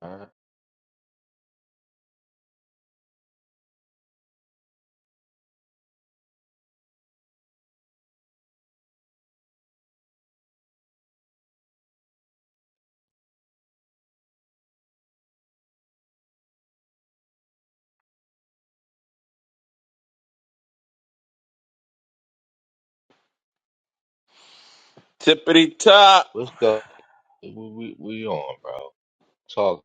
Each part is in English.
All right, Tippity top. let's go. We we, we on, bro. Talk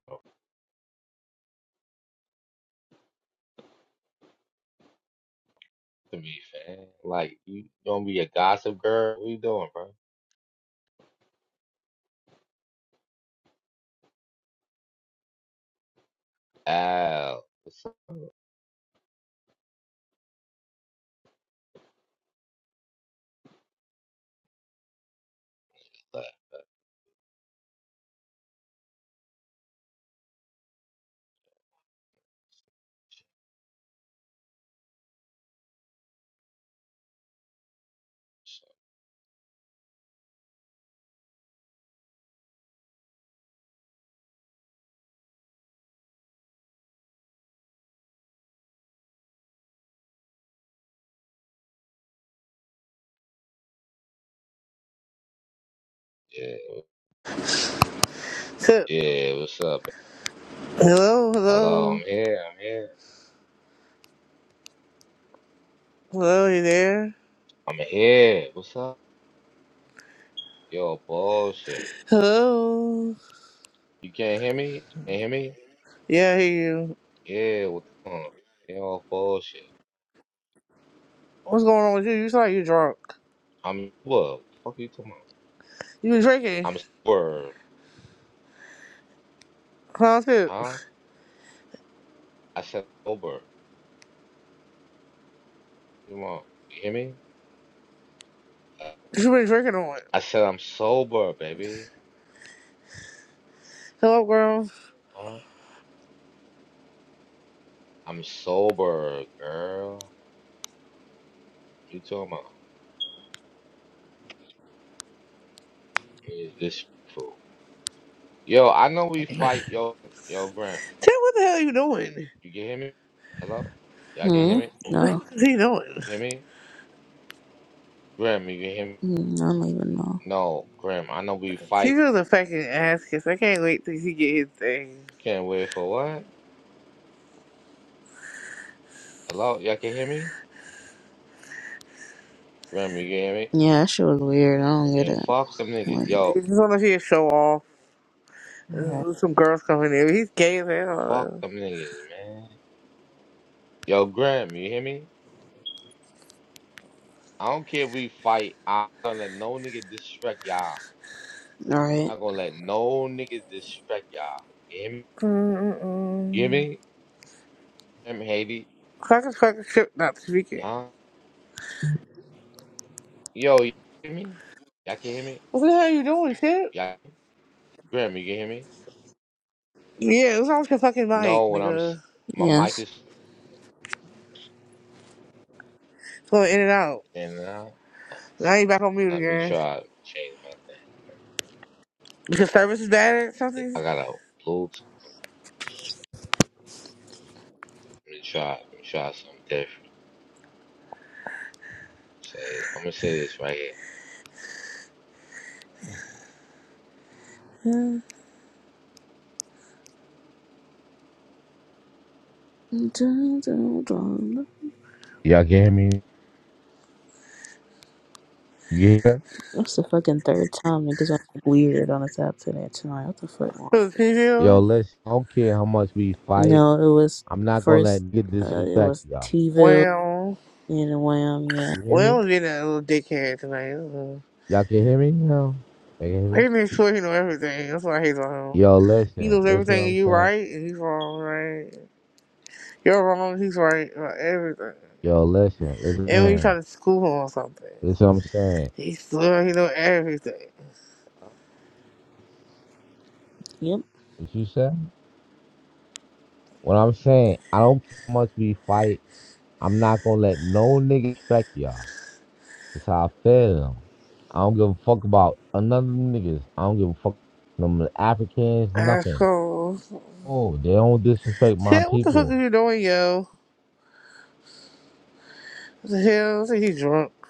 to me, fam. Like you gonna be a gossip girl? What you doing, bro? Al, what's up? Yeah, Tip. yeah, what's up? Hello, Hello, hello. I'm here. I'm here. Hello, you there? I'm here. What's up? Yo, bullshit. Hello. You can't hear me? Can't hear me? Yeah, I hear you. Yeah, what's on? Yo, bullshit. What's going on with you? You sound like you drunk. I'm what? The fuck you talking You been drinking. about? I'm sober, Huh, Tip? What huh? I said sober. Come on, you hear me? you been drinking on? I said I'm sober, baby. Hello, girl. Huh? I'm sober, girl. You talking about is this fool? Yo, I know we fight, yo, yo, Grant. Tip, what the hell are you doing? You can hear me? Hello? Y'all can Hmm? hear me? No. What's he doing? Hear me? Graham, you can hear me? Mm, I don't even know. No, Graham, I know we He fight. just a fucking ass kiss. I can't wait till he get his thing. You can't wait for what? Hello? Y'all can hear me? Graham, you can hear me? Yeah, that shit was weird. I don't get And it. fuck them niggas. Like, Yo, He's just wanna see a show off. alright. Uh, Some girls coming in. He's gay as fuck hell. them niggas, man. Yo, Graham, you hear me? I don't care if we fight. I don't let no nigga disrespect y'all. Alright. Not gonna let no niggas distract y'all. You hear me? You hear Mm-mm-mm. me? Damn Haiti. Fuck his fucking ship not speaking. Huh? Yo, you hear me? Y'all can hear me? What the hell are you doing, Tip? Y'all Grim, you can hear me? Yeah, it was off your fucking No, mic, when I'm s- nigga. my mic Yes. is It's Going in and out. in and now Now you back on mute let me again. try to change my Because service is bad or thing. something? I got a Bluetooth. Let me try let me try something different. Say I'm gonna say this right here. Dun, dun, dun. Y'all can hear me? You hear? that? That's the fucking third time niggas on weird on this app today tonight. What the fuck? So it's Yo, you? listen, I don't care how much we fight. No, it was I'm not gonna let first. nigga Uh, it disrespect was y'all. T-ville Well, and Wham. Yeah. You hear me? well, being a little dickhead tonight. uh, Y'all can hear me now? Y'all can hear me? He made sure he know everything. That's why I hate on him. Yo, He listen, knows listen what everything and I'm you saying. right and he's wrong, right? You're wrong, he's right about everything. Yo, listen, And when you try listen, to school him on something, listen what I'm saying. he's still he know everything. Yep. What you say? What I'm saying, I don't care how much we fight. I'm not gonna let no nigga respect y'all. That's how I feel. I don't give a fuck about another niggas. I don't give a fuck them Africans, nothing. Asshole. Oh, they don't disrespect my Shit, what the fuck people. are you doing, yo? What the hell? I think he's drunk.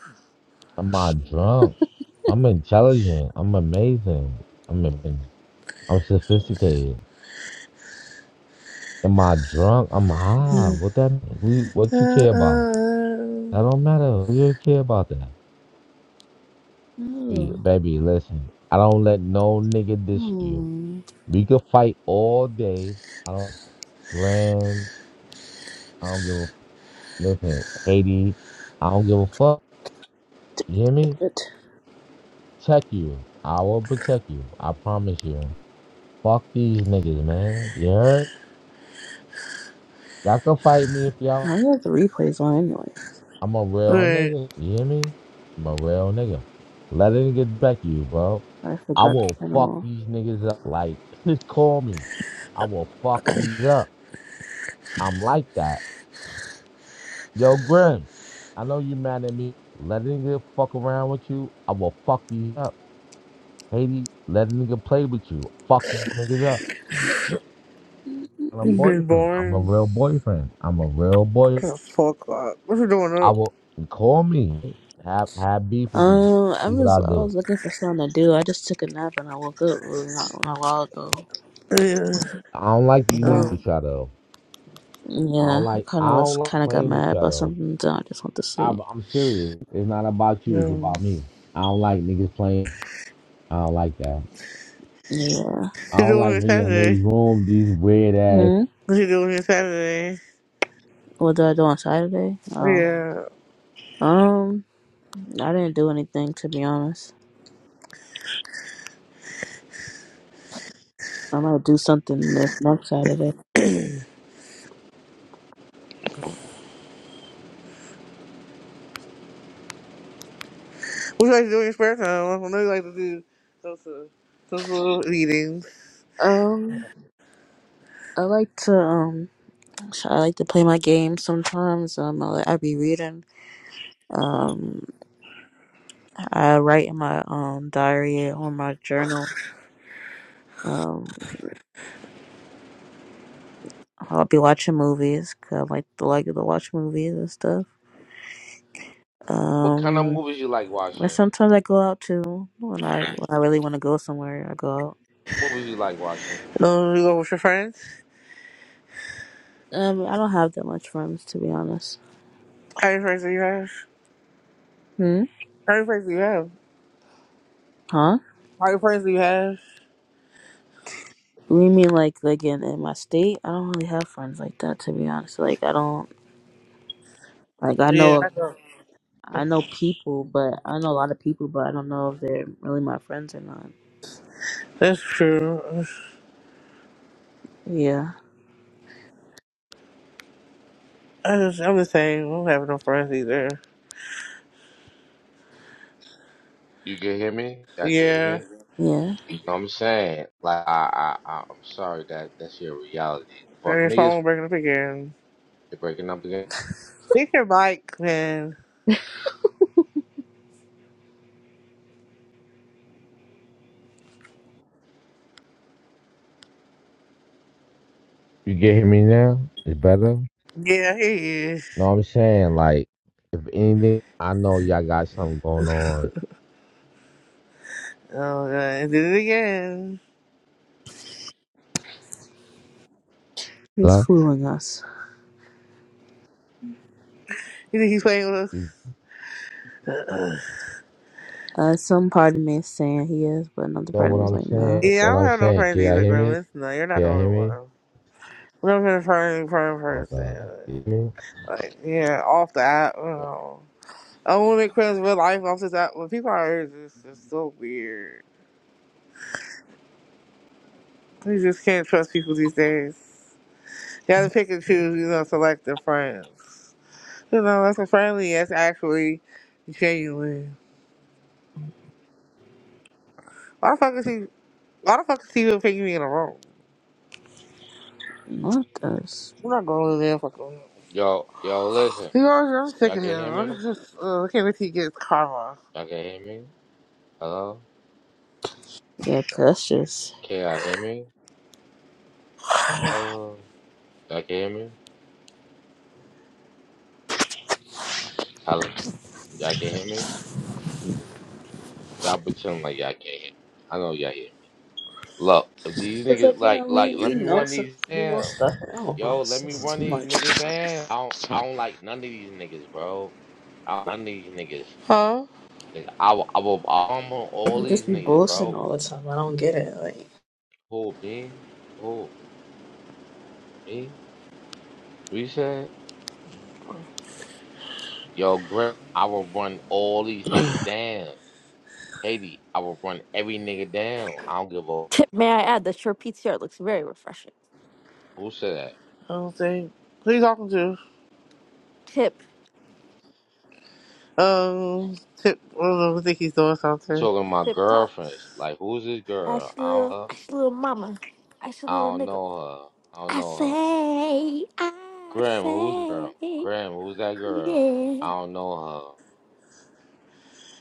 I'm not drunk. I'm intelligent. I'm amazing. I'm I'm sophisticated. Am I drunk? I'm high. What that? Who, Uh, what you care about? uh, That don't matter. Who you care about that? Baby, Oh. baby, listen. I don't let no nigga diss you. Hmm. We could fight all day. I don't grand. I don't give a listen. Haiti. I don't give a fuck. You hear me? But Protect you. I will protect you. I promise you. Fuck these niggas, man. You heard? Y'all can fight me if I y'all got the replays on anyway. I'm a real Wait, nigga. You hear me? I'm a real nigga. Let it get back to you, bro. I I forgot to will turn them fuck these niggas up. Like, just call me. I will fuck these up. I'm like that. Yo, Grim, I know you mad at me. Let a nigga fuck around with you. I will fuck these up. Haiti, let a nigga play with you. Fuck these niggas up. I'm off. a it's been boyfriend. I'm a boring real boyfriend. I'm a real boy. as fuck. uh, What you doing I up? will call me. Have have beef with these. you. Um, I See what was I I do. was looking for something to do. I just took a nap and I woke up not, not a while ago. Yeah. I don't like these Yeah, niggas Oh. with y'all though. I don't yeah. I like kind of I don't was like kind of got playing with mad y'all about though. something, so I just went to sleep. I'm, I'm serious. It's not about you. It's No. about me. I don't like niggas playing. I don't like that. Yeah. I You don't doing like it when you in Saturday? these rooms, these weird ass. Hmm. What you doing it Saturday? What did I do on Saturday? Oh, Yeah. um, I didn't do anything to be honest. I might do something the next Saturday. What you like to do in your spare time? I know you like to do social, social meetings. Um, I like to um, I like to play my games sometimes. Um, I, like- I be reading. Um, I write in my um diary or my journal. Um. I'll be watching movies 'cause I like to like to watch movies and stuff. What kind of Um, movies you like and watching? sometimes I go out too when I when I really want to go somewhere. I go out. Movies you like watching? Um, you go with your friends? Um, I don't have that much friends to be honest. How many friends do you have? Hmm. How many friends do you have? Huh? How many friends do you have? You mean like like in, in my state? I don't really have friends like that to be honest. Like I don't like I Yeah, know I don't. I know people, but I know a lot of people, but I don't know if they're really my friends or not. That's true. Yeah. I just, I'm the same. I don't have no friends either. You can hear me? Y'all can hear Yeah. me? Yeah. No, I'm saying, like, I, I, I, I'm sorry that that's your reality. But And his niggas, phone breaking up again. they are breaking up again. Pick your mic, man. You get me now? It's better. Yeah, he is. No, I'm saying like if anything, I know y'all got something going on. Oh, God. He Did it again. He's Hello? fooling us. You think he's playing with us? You Uh, some part of me is saying he is, but another know part of what me is I'm like, nah. saying? Yeah, I What don't I'm have no saying? friends Can y'all either, hear me? Grimace. No, you're not Can the y'all only hear one. me? I'm not been a friend, friend Oh person. God, you hear me? Like, yeah, off the app. You know. I want to make friends in real life off this app. When people are it's just, it's so weird. You just can't trust people these days. You have to pick and choose, you know, select their friends. You know, that's a friendly, that's actually genuine. Why the fuck is he? Why the fuck is he even picking me in the room? What us. I'm not going to there fucking room. Yo, yo, listen. He always, I'm sick Y'all of him. can hear me? I'm just, uh, I can't wait he gets karma. Y'all can hear me? Hello? Yeah, precious. Can y'all hear me? Oh, y'all can hear me? Hello? Y'all can hear me? Y'all pretend like y'all can't hear me. I know y'all hear me. Look, if these It's niggas like you like, know we like, let we me know run some, these we know down. stuff. I don't know. Yo, It's let me just run too these much. niggas down. I don't, I don't like none of these niggas, bro. I don't, like none of these niggas. Huh? Like, I, will- I will armor They all can these just be niggas, bullshitting bro. all the time. I don't get it. Like, Who me? Who me? What you said? Yo, Grim, I will run all these niggas down. Haiti, I will run every nigga down. I don't give a Tip, may I add that your PTR looks very refreshing. who said that. I don't think. Who you talking to? Tip, Um, Tip, I don't know, I think he's doing You something. talking to my tip top. girlfriends? Like, who's this girl? Ask your I don't, little, know- ask your little mama. Ask your I little don't nigga. know her. I don't I know her. say, I Grim, who's the girl? say, Grim, who's that girl? yeah. I don't know her.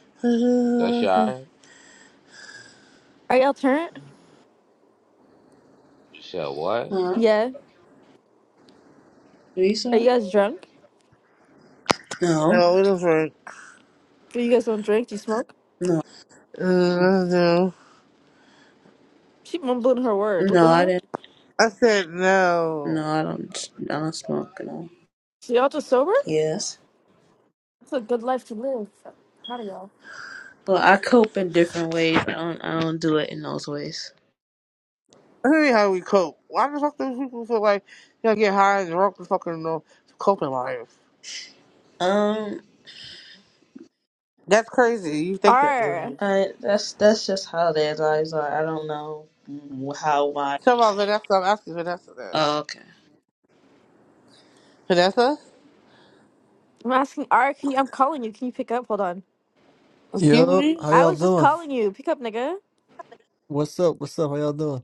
That's no, y'all. Are y'all turned? You said what? huh? Yeah. What you Are you said? guys drunk? we No, don't drink. Do you guys don't drink? Do you smoke? no, Uh, no. She mumbling her words. What the no. I hell? didn't. I said No, no. I don't. I don't smoke. No. So y'all just sober? Yes. That's a good life to live. Proud of y'all. Well, I cope in different ways. I don't. I don't do it in those ways. I mean, how we cope. Why the fuck do people feel like you know, get high and drunk and fucking know to cope in life? Um. That's crazy. You think that, R. man. I. That's that's just how their lives are. I don't know how why. Tell about Vanessa. I'm asking Vanessa that. Oh, okay. Vanessa? I'm asking R. Can you? I'm calling you. Can you pick up? Hold on. Excuse Yo, me? how I y'all was just doing? calling you. Pick up, nigga. What's up? What's up? How y'all doing?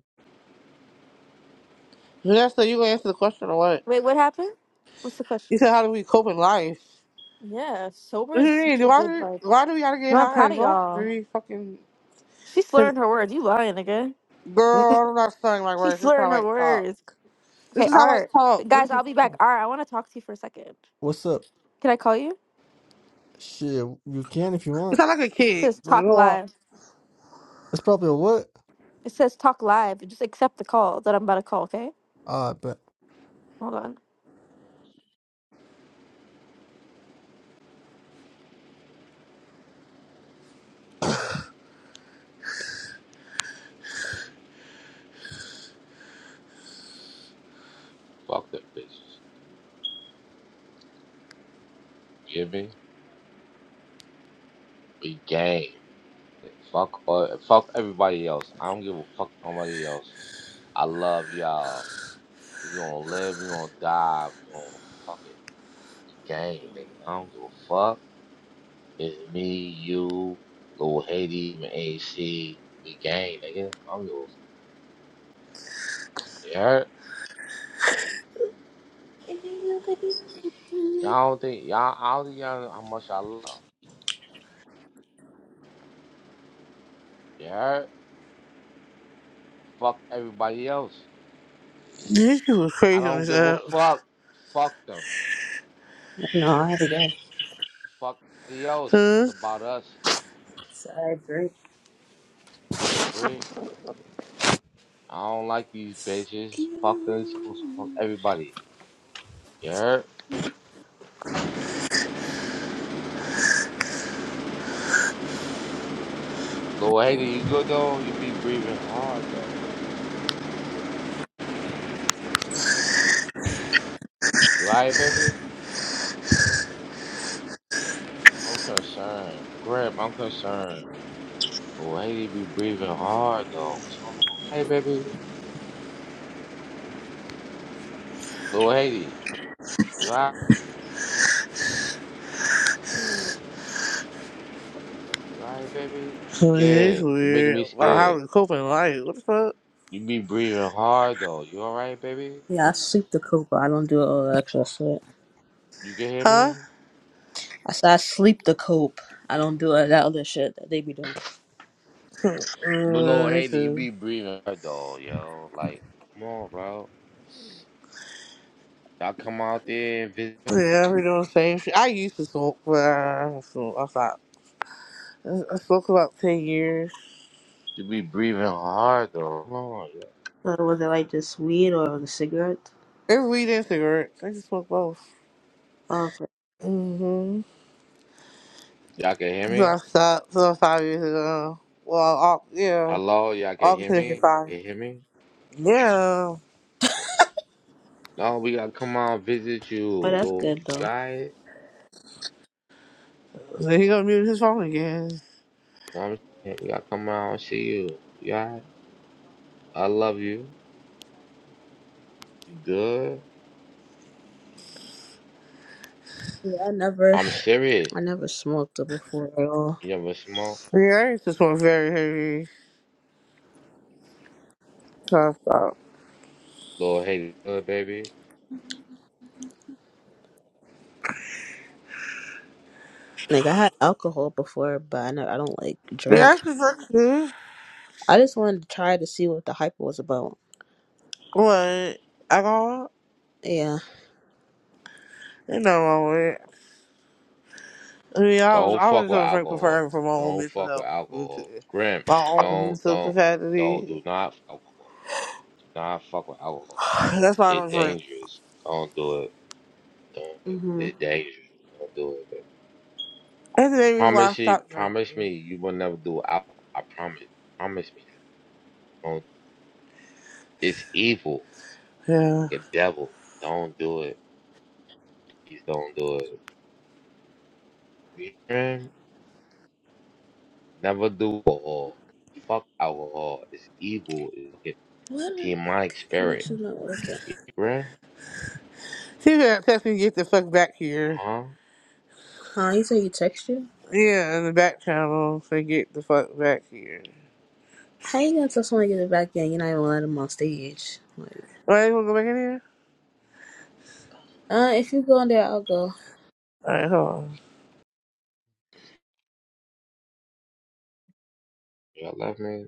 Yeah, so you gonna answer the question or what? Wait, what happened? What's the question? You said, how do we cope in life? Yeah, sober What do is you such mean? a Why good do, vibe. why do we gotta get No, I'm high proud and of drunk? Do y'all. we fucking... She's slurring her words. You lying, nigga. Girl, I'm not studying my She's words. This is slurring how her I talk. words. This Okay, is how I Art. talk. What are Guys, I'll you be talking back. about? Art, I want to talk to you for a second. What's up? Can I call you? Shit, you can if you You want. sound like a It kid. says talk Girl. live. It's probably a what? It says talk live. Just accept the call that I'm about to call, okay? Ah, I bet. Hold on. Fuck them bitches. You hear me? We game. Fuck all, fuck everybody else. I don't give a fuck nobody else. I love y'all. We gonna live, we gonna die, we gonna fuck it. We game. nigga. I don't give a fuck. It's me, you, Lil Haiti, and AC. We game, nigga. I don't give a fuck. You heard? Y'all don't think y'all I don't think y'all know how much I love. You heard? Fuck everybody else. This shit was I crazy on don't this give a app. fuck. Fuck them. No, I had to go. Fuck everybody else. Huh? It's about us. So I agree. You agree? I don't like these bitches. You Fuck them. know. Fuck everybody. You heard? Lil Hater, you good though? You be breathing hard though. You alright, baby? I'm concerned. Grim, I'm concerned. Lil Hater be breathing hard though. What's going on? Hey, baby. Lil Hater, you alright? You alright, baby? It's Scared. You making weird. me Wow, how scared. do we cope in life? What the fuck? You be breathing hard though. You alright, baby? Yeah, I sleep the cope. I don't do all that extra shit. You can hear Huh? me? I said I sleep the cope. I don't do all that other shit that they be doing. Huh, But Lord Mm, me Haiti, you too. be breathing her dog, yo. Like, come on, bro. Y'all come out there and visit. Yeah, we doing the same shit. I used to smoke, but I don't smoke. I stopped. I I smoked about 10 years. You be breathing hard though. Come on, yo. So was it like just weed or the cigarette? It's weed and cigarettes. I just smoke both. Oh, okay. Mm-hmm. Y'all can hear So me? I stopped. So five years ago. Well, Au- yeah, Hello, y'all can August hear making me? five. Can you hear me? Yeah. No, we gotta come out and visit oh you, that's Lord. good You though. alright? So he gonna mute his phone again. Know what I'm saying? We gotta come out and see you. You alright? I love you. You good? Yeah, I never, I'm serious. I never smoked it before at all. You never smoke? Yeah, I used to smoke very heavy. So I stopped. Lord Haiti, good baby. Like I had alcohol before, but I never, I don't like Yeah, I drink. used to drink too. I just wanted to try to see what the hype was about. What? Alcohol? Yeah. Ain't nothing wrong with it. I mean, I was Don't I fuck was with just drink alcohol. preferring for my own Don't mental fuck health, with mental- alcohol. Grim, my own don't, mental don't, no, capacity. do not fuck with alcohol. Do not fuck with alcohol. That's why I It's don't drink. dangerous. Don't do it. Don't. do it. Mhm. It dangerous. Don't do it, baby. That's the main reason why I Promise you, stopped promise drinking. me, you will never do alcohol. I promise. Promise me that. Don't. It's evil. Yeah. The devil. Don't do it. Please don't do it. You hear me? Never do alcohol. Fuck alcohol. It's evil. It's What a a demonic spirit. connection not working? You hear me? She had text me, get the fuck back here. Huh? Huh? You say you text you? Yeah, in the back channel, say, get the fuck back here. How you gonna tell someone to get it back in? You're not even letting them on stage. like. Alright, you wanna go back in here? Uh, if you going there, I'll go. Alright, hold on. Do I love me?